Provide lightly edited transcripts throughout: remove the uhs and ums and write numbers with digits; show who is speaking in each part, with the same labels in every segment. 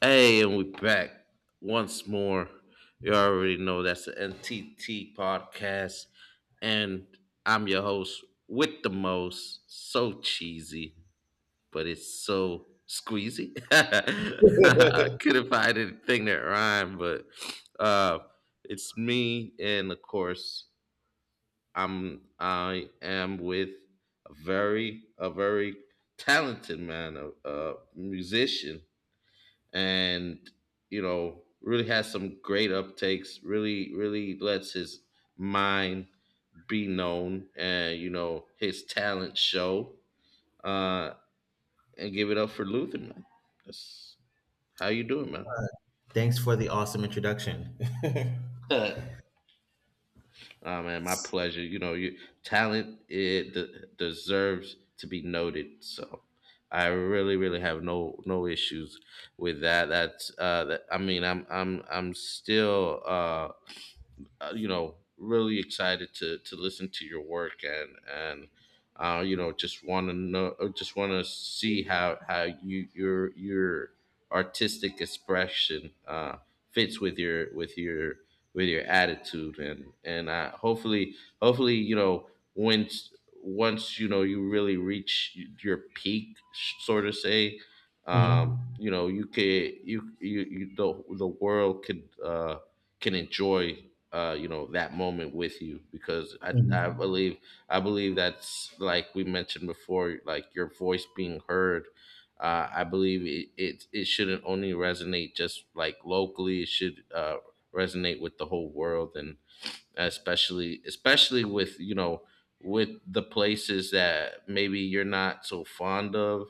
Speaker 1: Hey, and we're back once more. You already know that's the NTT podcast, and I'm your host with the most. So cheesy, but it's so squeezy. I Couldn't find anything that rhymed, but uh, it's me, and of course, I am with a very talented man, a musician and really has some great uptakes, really really lets his mind be known, and you know his talent show uh and give it up for Luther, man. That's how you doing, man?
Speaker 2: Thanks for the awesome introduction.
Speaker 1: Oh, man, my pleasure. You know your talent, deserves to be noted, so I really really have no issues with that. I mean, I'm still you know, really excited to listen to your work, and you know, just want to know, just want to see how you your artistic expression fits with your attitude and hopefully hopefully, you know, once once, you know, you really reach your peak, sort of say,
Speaker 2: Mhm.
Speaker 1: you know, you the world could can enjoy you know, that moment with you, because I
Speaker 2: Mhm.
Speaker 1: believe, I believe, that's like we mentioned before, like your voice being heard. I believe it shouldn't only resonate just like locally; it should resonate with the whole world. And especially with, you know, with the places that maybe you're not so fond of,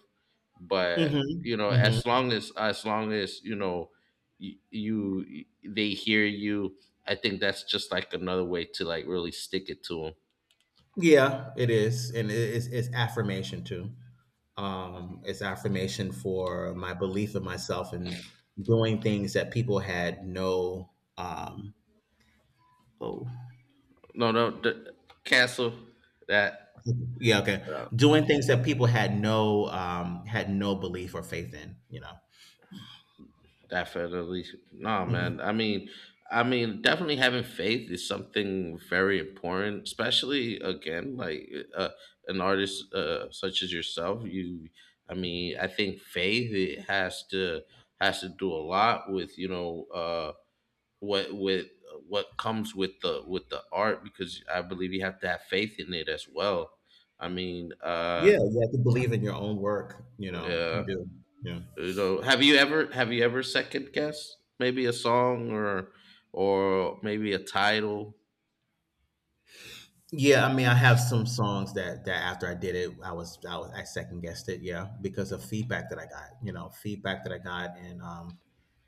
Speaker 1: but
Speaker 2: Mhm.
Speaker 1: you know,
Speaker 2: Mhm.
Speaker 1: as long as you know, you they hear you, I think that's just like another way to like really stick it to them.
Speaker 2: Yeah, it is, and it's affirmation too. It's affirmation for my belief in myself and doing things that people had no. Oh,
Speaker 1: No no d- Cancel that.
Speaker 2: yeah, okay. Doing things that people had no belief or faith in.
Speaker 1: Definitely. No,
Speaker 2: Hmm.
Speaker 1: man. I mean, definitely having faith is something very important, especially again, like an artist such as yourself. I mean, I think faith, it has to do a lot with, you know, what with what comes with the art, because I believe you have to have faith in it as well. I mean,
Speaker 2: Yeah, you have to believe in your own work. You know, you
Speaker 1: uh,
Speaker 2: do. Yeah.
Speaker 1: you know, have you ever second guessed maybe a song or maybe a title?
Speaker 2: Yeah, I mean, I have some songs that after I did it, I second guessed it, yeah, because of feedback that I got, feedback that I got and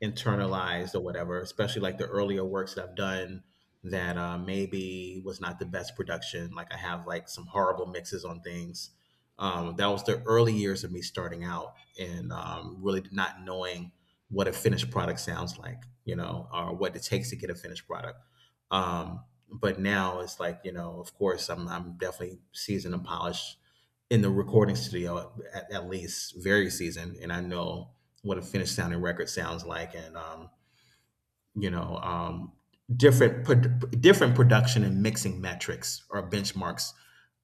Speaker 2: internalized or whatever. Especially like the earlier works that I've done that maybe was not the best production. Like I have like some horrible mixes on things. That was the early years of me starting out and really not knowing what a finished product sounds like, you know, or what it takes to get a finished product. Um, but now it's like of course I'm definitely seasoned and polished in the recording studio at least very seasoned, and I know what a finished sounding record sounds like, and you know um, different production and mixing metrics or benchmarks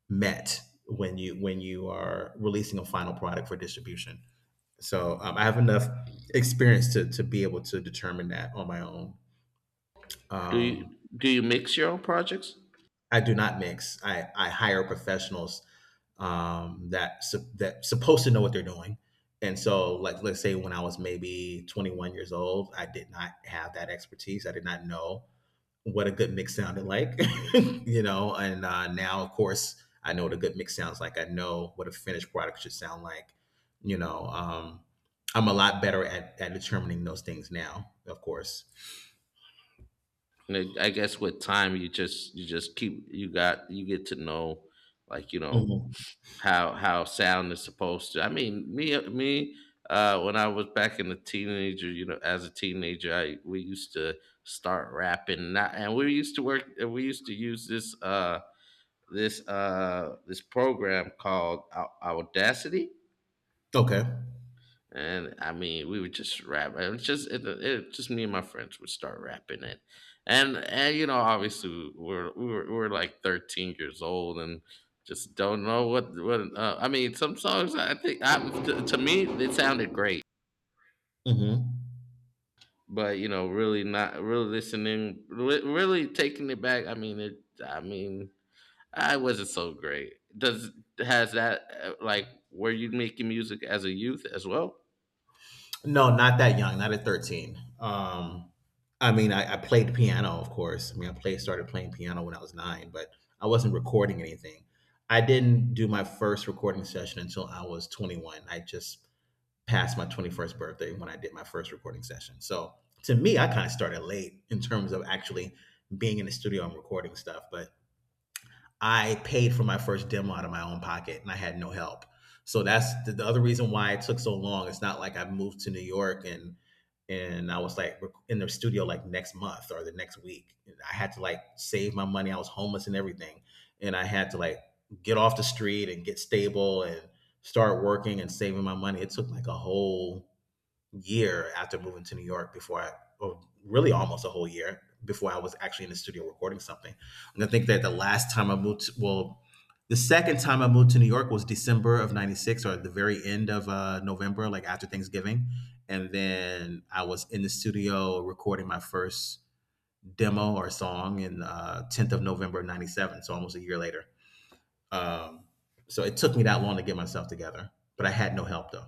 Speaker 2: met when you are releasing a final product for distribution. So I have enough experience to be able to determine that on my own.
Speaker 1: do you
Speaker 2: um,
Speaker 1: do you mix your own projects?
Speaker 2: I do not mix. I hire professionals, that supposed to know what they're doing. And so, like, let's say when I was maybe 21 years old, I did not have that expertise. I did not know what a good mix sounded like, you know. And now, of course, I know what a good mix sounds like. I know what a finished product should sound like, you know. Um, I'm a lot better at determining those things now, of course.
Speaker 1: Like, I guess with time you just keep you got you get to know, like, you know,
Speaker 2: Hmm.
Speaker 1: how sound is supposed to. I mean, me me when I was back in the teenager, you know, as a teenager, I we used to start rapping, and we used to work, and we used to use this this program called Audacity,
Speaker 2: Okay.
Speaker 1: and I mean we would just rap. It was just it, it just me and my friends would start rapping it, and you know obviously we were like 13 years old and just don't know what I mean. Some songs I think to me they sounded great,
Speaker 2: Hmm.
Speaker 1: but you know, really not really listening, really taking it back. I mean it. I mean I wasn't so great. Does, has that like, were you making music as a youth as well?
Speaker 2: No, not that young, not at 13. I mean, I played piano, of course. I mean, I played started playing piano when I was 9, but I wasn't recording anything. I didn't do my first recording session until I was 21. I just passed my 21st birthday when I did my first recording session. So to me, I kind of started late in terms of actually being in the studio and recording stuff. But I paid for my first demo out of my own pocket, and I had no help. So that's the other reason why it took so long. It's not like I moved to New York and I was like in the studio like next month or the next week. I had to like save my money. I was homeless and everything, and I had to like get off the street and get stable and start working and saving my money. It took like a whole year after moving to New York before I, or really almost a whole year before I was actually in the studio recording something. And I think that the last time I moved, to, well, the second time I moved to New York was December of '96, or at the very end of November, like after Thanksgiving. And then I was in the studio recording my first demo or song in 10th of November of '97. So almost a year later. Um, so it took me that long to get myself together, but I had no help though.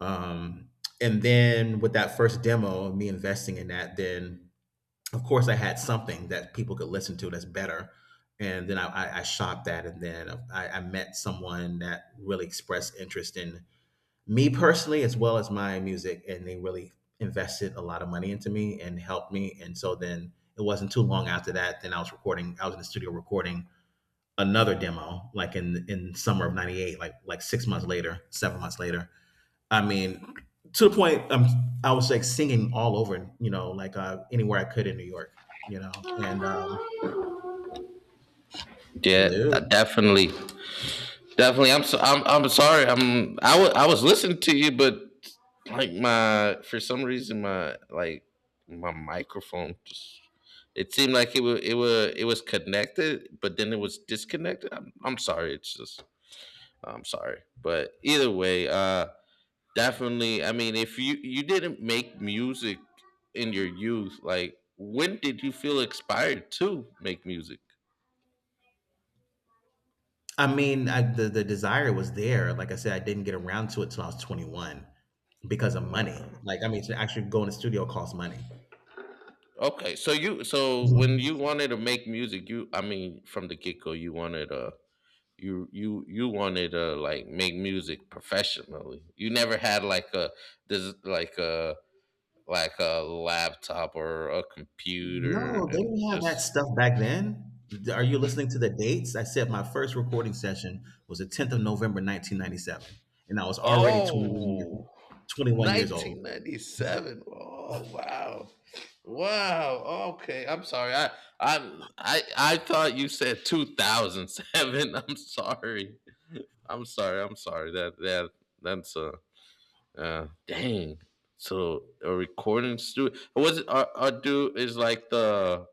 Speaker 2: Um, and then with that first demo, me investing in that, then of course I had something that people could listen to that's better. And then I shot that, and then I met someone that really expressed interest in me personally as well as my music, and they really invested a lot of money into me and helped me. And so then it wasn't too long after that. Then I was recording. I was in the studio recording another demo, like in summer of '98, like 6 months later, 7 months later. I mean, to the point, I was like singing all over, you know, like anywhere I could in New York. And
Speaker 1: Yeah,
Speaker 2: hello,
Speaker 1: definitely, definitely. I'm sorry. I was listening to you, but like my, for some reason, my like my microphone just, it seemed like it was connected, but then it was disconnected. I'm sorry. It's just, I'm sorry, but either way. Definitely. I mean, if you didn't make music in your youth, like when did you feel inspired to make music?
Speaker 2: I mean, I, the desire was there. Like I said, I didn't get around to it till I was 21 because of money.
Speaker 1: Wow.
Speaker 2: Like, I mean, to actually go in the studio costs money.
Speaker 1: Okay, so you so
Speaker 2: No,
Speaker 1: when you wanted to make music, you, I mean, from the get go, you wanted you you wanted to like make music professionally. You never had like a like a laptop or a
Speaker 2: they
Speaker 1: computer and
Speaker 2: didn't have that
Speaker 1: just.
Speaker 2: stuff back then. Are you listening to the dates? I said my first recording session was the 10th of November, 1997, and I was already 21 years,
Speaker 1: Oh,
Speaker 2: 21 years old.
Speaker 1: 1997. Oh, wow. Wow. Okay. I'm sorry. I thought you said 2007. I'm sorry. I'm sorry. I'm sorry. That that's a dang. So a recording studio, was it, are, do is like the,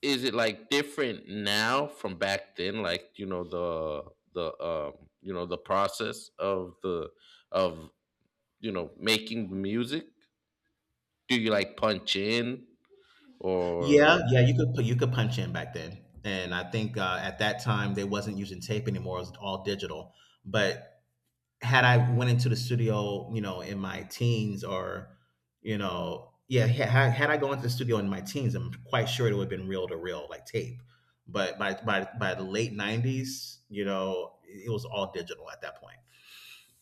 Speaker 1: is it like different now from back then, like, you know, the you know, the process of the of you know, making music, do you like punch in
Speaker 2: Yeah,
Speaker 1: or.
Speaker 2: yeah, you could pu- you could punch in back then, and I think at that time they wasn't using tape anymore; it was all digital. But had I went into the studio, in my teens, or yeah, had I gone into the studio in my teens, I'm quite sure it would have been reel to reel, like tape. But by the late '90s, you know, it was all digital at that point,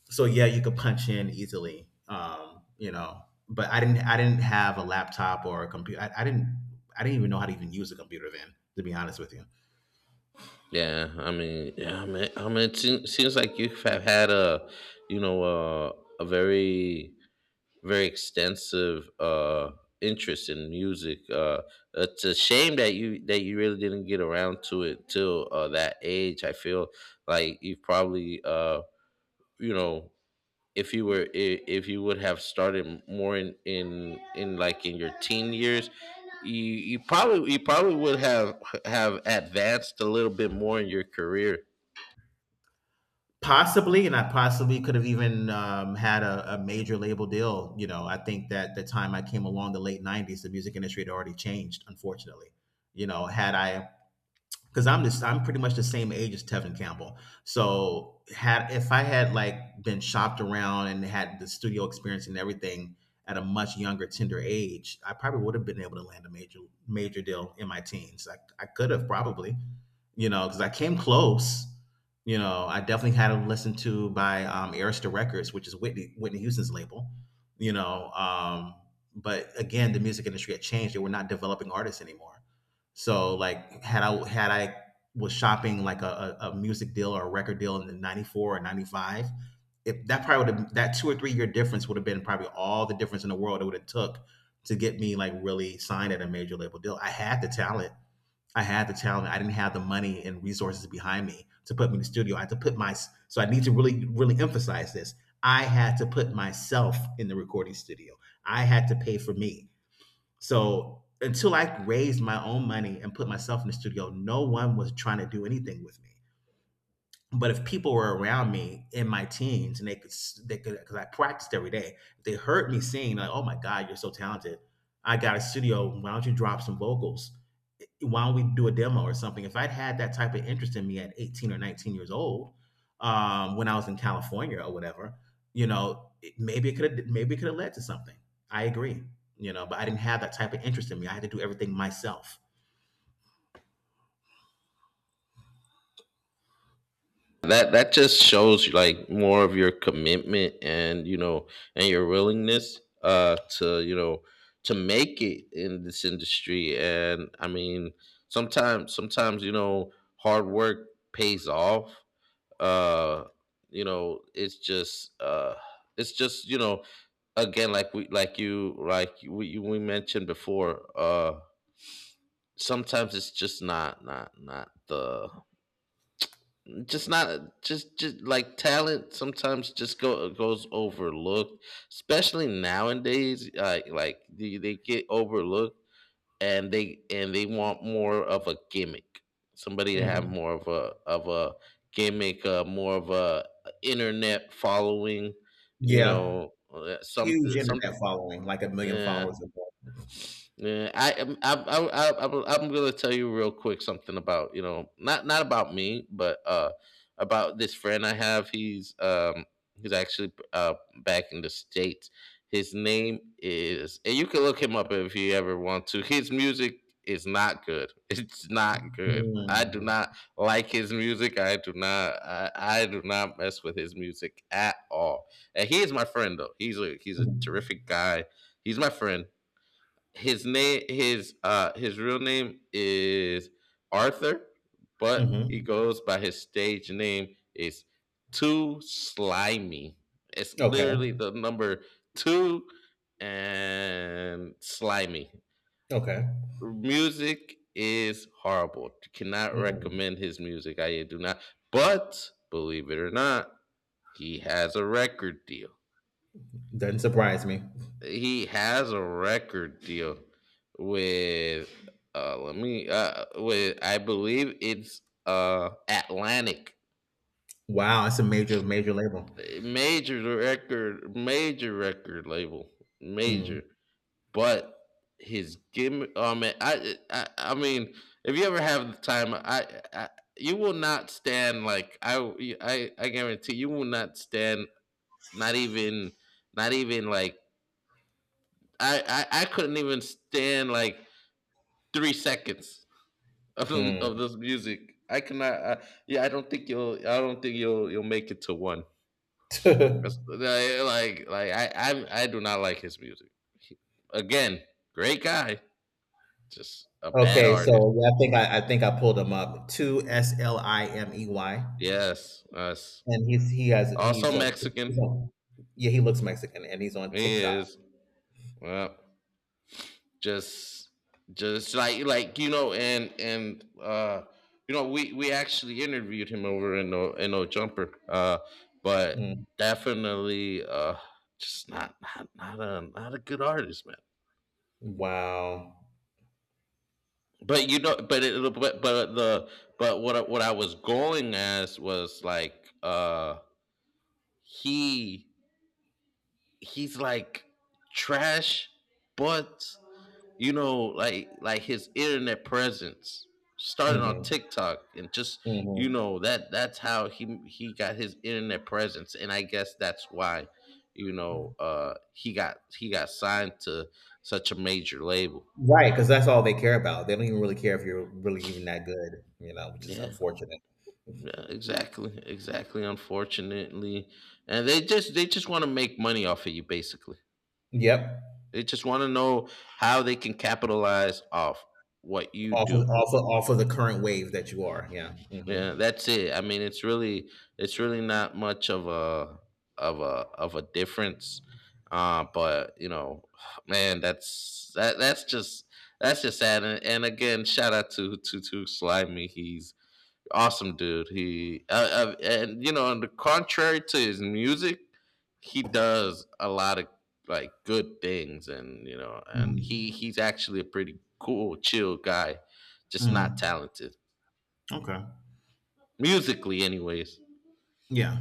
Speaker 2: so yeah, you could punch in easily. But I didn't have a laptop or a computer. I didn't even know how to even use a computer then, to be honest with you.
Speaker 1: Yeah, I mean, I mean it seems like you have had a, you know, a very extensive interest in music. It's a shame that you really didn't get around to it till that age. I feel like you've probably you know, if if you would have started more in like in your teen years, you you probably would have advanced a little bit more in your career.
Speaker 2: Possibly, and I possibly could have even had a major label deal. You know, I think that the time I came along, the late '90s, the music industry had already changed. Unfortunately, you know, had I because I'm pretty much the same age as Tevin Campbell. So had if I had like been shopped around and had the studio experience and everything at a much younger, tender age, I probably would have been able to land a major major deal in my teens. I could have probably, you know, because I came close. You know, I definitely had them listened to by Arista Records, which is Whitney Houston's label. You know, um, but again, the music industry had changed. They were not developing artists anymore, so like had I was shopping like a music deal or a record deal in the '94 or '95, if that probably would have that 2 or 3 year difference would have been probably all the difference in the world it would have took to get me like really signed at a major label deal. I had the talent. I had the talent. I didn't have the money and resources behind me to put me in the studio. I had to put my. So I need to really really emphasize this. I had to put myself in the recording studio. I had to pay for me. So until I raised my own money and put myself in the studio, no one was trying to do anything with me. But if people were around me in my teens and they could, because I practiced every day, if they heard me sing, like, oh my God, you're so talented. I got a studio. Why don't you drop some vocals? Why don't we do a demo or something? If I'd had that type of interest in me at 18 or 19 years old, when I was in California or whatever, you know, it- maybe it could have, maybe it could have led to something. I agree, but I didn't have that type of interest in me. I had to do everything myself.
Speaker 1: That that just shows like more of your commitment and, you know, and your willingness to, you know, to make it in this industry. And I mean, sometimes, sometimes, you know, hard work pays off. uh you know, it's just you know, again, like we like you like we mentioned before, sometimes it's just not the, just not, just just like talent sometimes just go goes overlooked, especially nowadays, like they get overlooked, and they, and they want more of a gimmick, somebody to have
Speaker 2: Mhm.
Speaker 1: more of a gimmick, more of a internet following, you
Speaker 2: Yeah.
Speaker 1: know,
Speaker 2: Huge
Speaker 1: some.
Speaker 2: internet following, like a million
Speaker 1: Yeah.
Speaker 2: followers.
Speaker 1: Yeah, I, am- I, I'm gonna tell you real quick something about, you know, not not about me, but about this friend I have. He's um, he's actually back in the states. His name is, and you can look him up if you ever want to. His music is not good. It's not good. I do
Speaker 2: Mm.
Speaker 1: not like his music. I do not. I do not mess with his music at all. And he is my friend though. He's a
Speaker 2: Mhm.
Speaker 1: terrific guy. He's my friend. His real name is Arthur, but he
Speaker 2: Mhm.
Speaker 1: goes by, his stage name is Too Slimy. It's
Speaker 2: Okay.
Speaker 1: literally the number two and Slimy.
Speaker 2: Okay.
Speaker 1: Music is horrible. Cannot
Speaker 2: Mm.
Speaker 1: recommend his music. I do not. But believe it or not, he has a record deal.
Speaker 2: Doesn't surprise me.
Speaker 1: He has a record deal with, let me with, I believe it's Atlantic,
Speaker 2: Wow, it's a major, major label.
Speaker 1: major record, major record label,
Speaker 2: Mhm.
Speaker 1: major. But his gimmick, oh man, I mean, if you ever have the time, I, you will not stand, like, I guarantee you will not stand, not even, not even like, I couldn't even stand like 3 seconds of
Speaker 2: Mm.
Speaker 1: this music. I cannot. I, yeah, I don't think you'll, I don't think you'll make it to one. That's like, I do not like his music. Again, great guy, just a bad
Speaker 2: Okay,
Speaker 1: artist.
Speaker 2: so yeah, I think I pulled him up. Two Slimey,
Speaker 1: Yes, us.
Speaker 2: and he's he has
Speaker 1: Also Mexican.
Speaker 2: he's on Yeah, he looks Mexican, and he's on
Speaker 1: He
Speaker 2: TikTok.
Speaker 1: is. Well, just just like, you know, and you know, we actually interviewed him over in, no, in No Jumper, but
Speaker 2: Mm.
Speaker 1: definitely just not a, not a good artist, man.
Speaker 2: Wow.
Speaker 1: But you know, but it, but the, but what I was going as was like, he, he's like trash, but you know, like his internet presence started on
Speaker 2: Mm.
Speaker 1: TikTok and just, you
Speaker 2: Mhm,
Speaker 1: know, that that's how he got his internet presence, and I guess that's why, you know,
Speaker 2: mhm.
Speaker 1: he got, he got signed to such a major label.
Speaker 2: Because that's all they care about. They don't even really care if you're really even that good, you know, which is
Speaker 1: Yeah.
Speaker 2: unfortunate.
Speaker 1: Yeah, exactly. Exactly, unfortunately. And they just, they just want to make money off of you, basically.
Speaker 2: Yep.
Speaker 1: They just want to know how they can capitalize off what you
Speaker 2: Off of
Speaker 1: do.
Speaker 2: off of off of the current wave that you are, yeah. Mhm.
Speaker 1: Yeah, that's it. I mean, it's really, it's really not much of a, of a, of a difference. But you know, man, that's, that that's just, that's just sad. And again, shout out to Slimy. He's awesome, dude. He and you know, on the contrary to his music, he does a lot of like good things, and you know, and
Speaker 2: Mhm,
Speaker 1: he's actually a pretty cool, chill guy, just not
Speaker 2: mhm.
Speaker 1: talented
Speaker 2: Okay.
Speaker 1: musically, anyways.
Speaker 2: Yeah.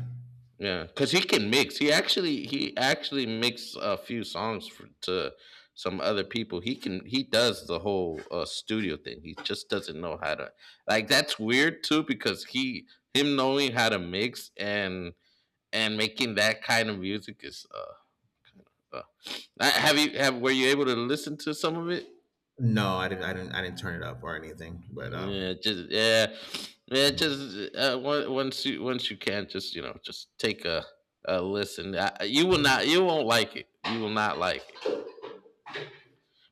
Speaker 1: Yeah, because he can mix. He actually, he actually makes a few songs for, to some other people. He does the whole studio thing. He just doesn't know how to, like. That's weird too, because he him knowing how to mix and making that kind of music is. Uh, have you, have, were you able to listen to some of it?
Speaker 2: No, I didn't I didn't turn it up or anything, but,
Speaker 1: Yeah, just yeah, yeah. Just once you, once you can, just you know, just take a listen. You will not, you won't like it. You will not like it.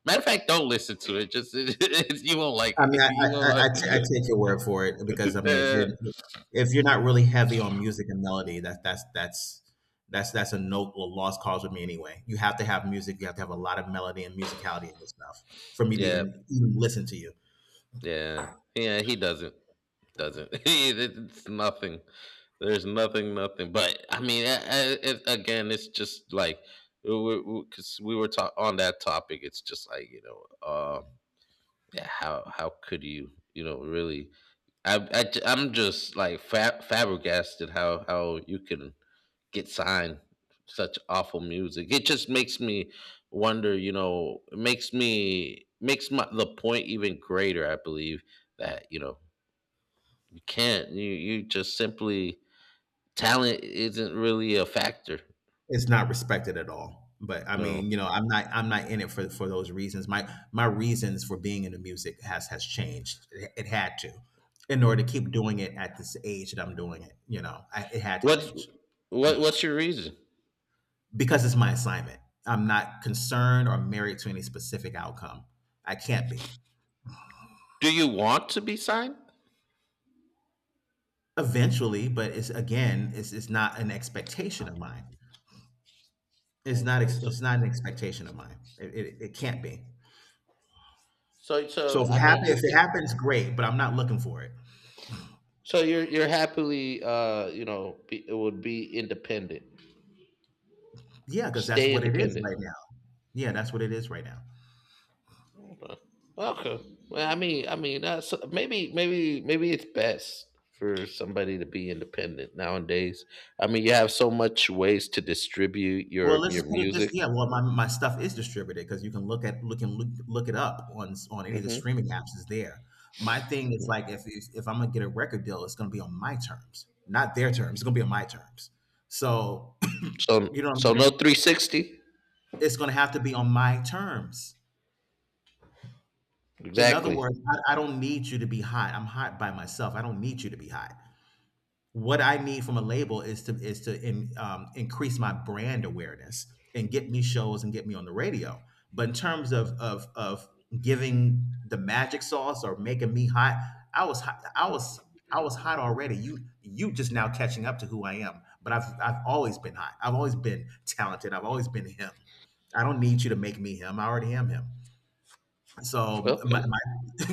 Speaker 1: Matter of fact, don't listen to it. Just, it's you won't like
Speaker 2: I mean,
Speaker 1: it.
Speaker 2: I I
Speaker 1: You won't
Speaker 2: I, I t- I
Speaker 1: like.
Speaker 2: take your word for it because, I mean, if
Speaker 1: Yeah,
Speaker 2: you're not really heavy on music and melody, that's a no a lost cause with me anyway. You have to have music. You have to have a lot of melody and musicality in this stuff for me to
Speaker 1: yeah,
Speaker 2: even listen to you.
Speaker 1: yeah, yeah. He doesn't. It's nothing. There's nothing, nothing. But I mean, again, it's just like because we 'cause we were on that topic. It's just like. Yeah, how could you you know really, I'm just like flabbergasted how you can get signed such awful music. It just makes me wonder, you know, it makes me makes my, the point even greater. I believe that you can't you you just simply talent isn't really a factor.
Speaker 2: It's not respected at all. But I
Speaker 1: No,
Speaker 2: mean, I'm not in it for those reasons. My reasons for being into music has changed. It had to, in order to keep doing it at this age that I'm doing it. You know, it had to
Speaker 1: what's
Speaker 2: change.
Speaker 1: what's your reason?
Speaker 2: Because it's my assignment. I'm not concerned or married to any specific outcome. I can't be
Speaker 1: Do you want to be signed?
Speaker 2: eventually, but it's, again, it's not an expectation of mine.
Speaker 1: Okay, so
Speaker 2: It's not an expectation of mine. It can't be.
Speaker 1: so
Speaker 2: So
Speaker 1: so I mean, you
Speaker 2: if it
Speaker 1: can.
Speaker 2: happens, great. But I'm not looking for it.
Speaker 1: So you're happily, it would be independent.
Speaker 2: Yeah, because that's
Speaker 1: Stay
Speaker 2: what it is
Speaker 1: independent.
Speaker 2: right now. Yeah, that's what it is right now.
Speaker 1: Okay. Well, so maybe it's best for somebody to be independent nowadays. I mean, you have so much ways to distribute
Speaker 2: Well,
Speaker 1: your
Speaker 2: let's
Speaker 1: your
Speaker 2: just put it this.
Speaker 1: music.
Speaker 2: Yeah, well, my stuff is distributed because you can look at look and look, look it up on on any of the
Speaker 1: Hmm.
Speaker 2: streaming apps is there. My thing is like if I'm gonna get a record deal, it's gonna be on my terms, not their terms. It's gonna be on my terms. So
Speaker 1: So,
Speaker 2: you know what I'm
Speaker 1: so no
Speaker 2: saying?
Speaker 1: 360.
Speaker 2: It's gonna have to be on my terms. In other
Speaker 1: Exactly.
Speaker 2: words, I don't need you to be hot. I'm hot by myself. I don't need you to be hot. What I need from a label is to increase my brand awareness and get me shows and get me on the radio. But in terms of giving the magic sauce or making me hot, I was hot, I was hot already. You just now catching up to who I am. But I've always been hot. I've always been talented. I've always been him. I don't need you to make me him. I already am him. So
Speaker 1: Okay.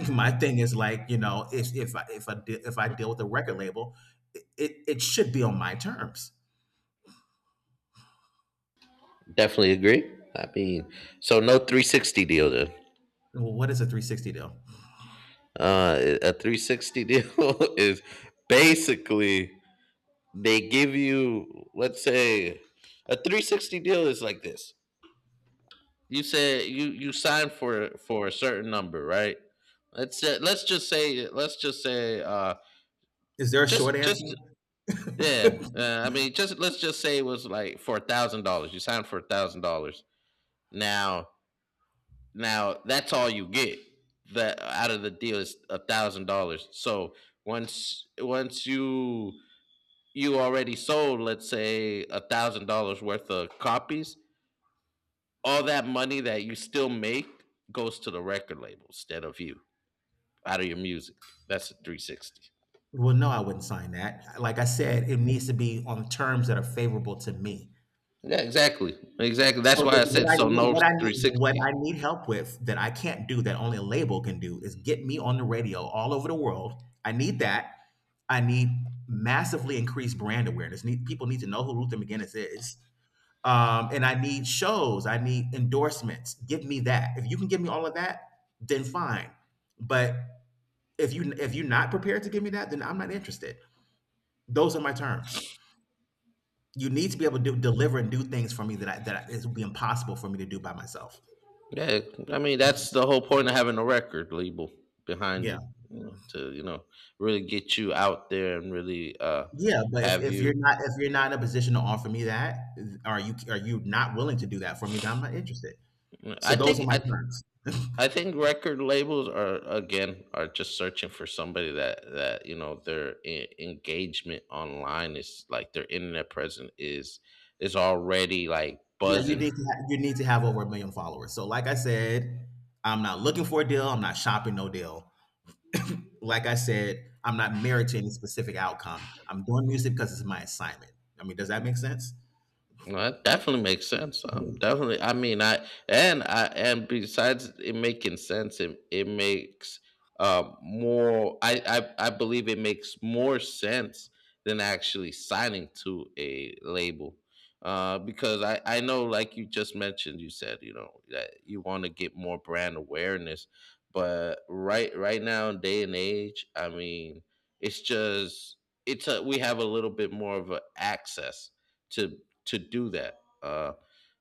Speaker 2: my thing is like, you know, if I deal with a record label, it should be on my terms.
Speaker 1: Definitely agree. I mean, so no 360 deal then.
Speaker 2: Well, what is a 360 deal?
Speaker 1: A 360 deal is basically they give you, let's say, a 360 deal is like this. You say you sign for a certain number, right? let's say, let's just say let's just say
Speaker 2: Is there a short answer?
Speaker 1: just yeah, I mean, just, let's just say it was like for $1,000. You signed for $1,000. Now now that's all you get. That, out of the deal, is $1,000. So once you already sold, let's say, $1,000 worth of copies, all that money that you still make goes to the record label instead of you, out of your music. That's a 360.
Speaker 2: Well, no, I wouldn't sign that. Like I said, it needs to be on terms that are favorable to me.
Speaker 1: Yeah, exactly. Exactly. That's
Speaker 2: So the,
Speaker 1: why I said, so no
Speaker 2: what
Speaker 1: 360.
Speaker 2: I need help with that I can't do, that only a label can do, is get me on the radio all over the world. I need that. I need massively increased brand awareness. Need people, need to know who Luther McGinnis is. And I need shows. I need endorsements. Give me that. If you can give me all of that, then fine. But if you're not prepared to give me that, then I'm not interested. Those are my terms. You need to be able to deliver and do things for me that would be impossible for me to do by myself.
Speaker 1: Yeah, I mean, that's the whole point of having a record label behind
Speaker 2: Yeah.
Speaker 1: you, you know, to really get you out there and really,
Speaker 2: Yeah, but
Speaker 1: have you —
Speaker 2: if you're not in a position to offer me that, are you not willing to do that for me, then I'm not interested. So
Speaker 1: I
Speaker 2: those are
Speaker 1: think
Speaker 2: my
Speaker 1: I
Speaker 2: terms.
Speaker 1: I think record labels are, again, are just searching for somebody that that you know, their engagement online is like, their internet presence is already like
Speaker 2: Yeah, you
Speaker 1: buzzing.
Speaker 2: need to you need to have over a million followers. So like I said, I'm not looking for a deal. I'm not shopping no deal. Like I said, I'm not married to any specific outcome. I'm doing music because it's my assignment. I mean, does that make sense?
Speaker 1: No, that definitely makes sense.
Speaker 2: Yeah.
Speaker 1: Definitely. I mean, I and besides it making sense, it makes, more. I believe it makes more sense than actually signing to a label, because I know, like you just mentioned. You said, you know, that you want to get more brand awareness, but right now, day and age, I mean, it's just it's a, we have a little bit more of a access to to do that.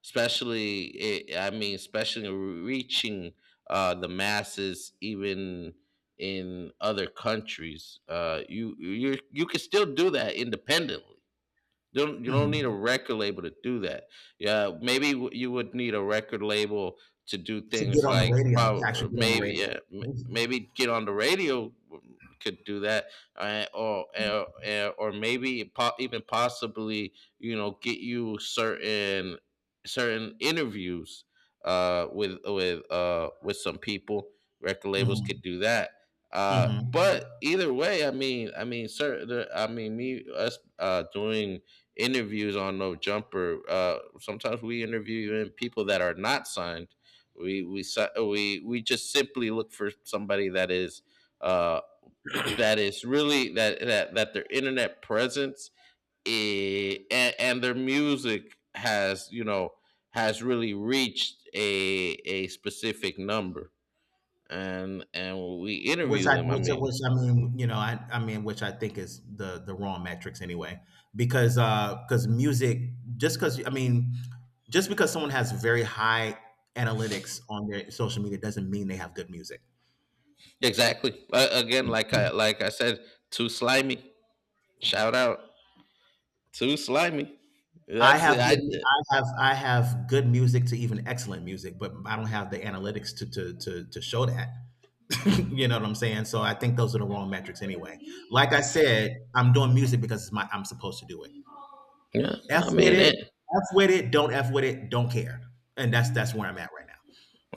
Speaker 1: Especially, it, I mean, especially reaching, the masses, even in other countries. You can still do that independently. You don't need a
Speaker 2: Mhm.
Speaker 1: record label to do that. Yeah, you would need a record label to do
Speaker 2: To get
Speaker 1: things
Speaker 2: on the
Speaker 1: like,
Speaker 2: radio, to
Speaker 1: probably,
Speaker 2: actually get on the
Speaker 1: maybe,
Speaker 2: radio.
Speaker 1: yeah, maybe get on the radio. Could do that, or maybe even possibly, get you certain interviews, with some people. Record labels could do that.
Speaker 2: Hmm,
Speaker 1: Uh,
Speaker 2: hmm.
Speaker 1: but either way, I mean, certain, I mean, me us, doing interviews on No Jumper. Sometimes we interview even people that are not signed. We si- we just simply look for somebody that is, uh, that is really, that that that their internet presence, and their music has, you know, has really reached a specific number, and we
Speaker 2: Which
Speaker 1: interview
Speaker 2: I,
Speaker 1: them. I
Speaker 2: which, I-
Speaker 1: mean,
Speaker 2: which I mean, you know, I mean, which I think is the wrong metrics anyway, because music, just because I mean, just because someone has very high analytics on their social media doesn't mean they have good music.
Speaker 1: exactly. Again, like I said, too slimy. Shout out. Too slimy. That's it. I
Speaker 2: I have good music to even excellent music, but I don't have the analytics to show that. You know what I'm saying? So I think those are the wrong metrics anyway. Like I said, I'm doing music because I'm supposed to do it.
Speaker 1: Yeah.
Speaker 2: F
Speaker 1: I
Speaker 2: with
Speaker 1: mean
Speaker 2: it.
Speaker 1: it.
Speaker 2: F with it. Don't F with it. Don't care. And that's where I'm at right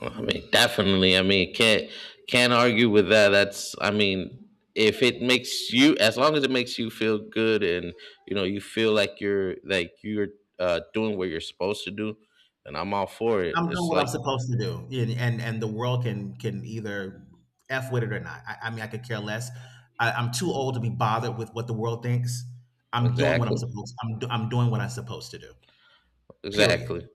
Speaker 1: I mean, definitely. I mean, can't argue with that. That's — I mean, if it makes you as long as it makes you feel good, and you know, you feel like you're doing what you're supposed to do, then I'm all for it.
Speaker 2: I'm doing
Speaker 1: It's
Speaker 2: what I'm
Speaker 1: like,
Speaker 2: supposed to do, and and the world can either f with it or not. I mean, I could care less. I'm too old to be bothered with what the world thinks. I'm doing what I'm
Speaker 1: exactly,
Speaker 2: supposed. I'm doing what I'm supposed to do.
Speaker 1: exactly.
Speaker 2: Period.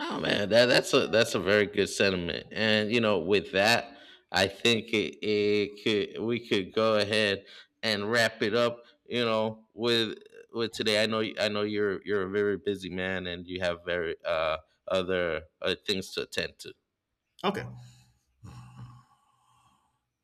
Speaker 1: Oh man, that's a very good sentiment. And, you know, with that, I think it, it could we could go ahead and wrap it up. You know, with today, I know you're a very busy man, and you have very other things to attend to.
Speaker 2: Okay.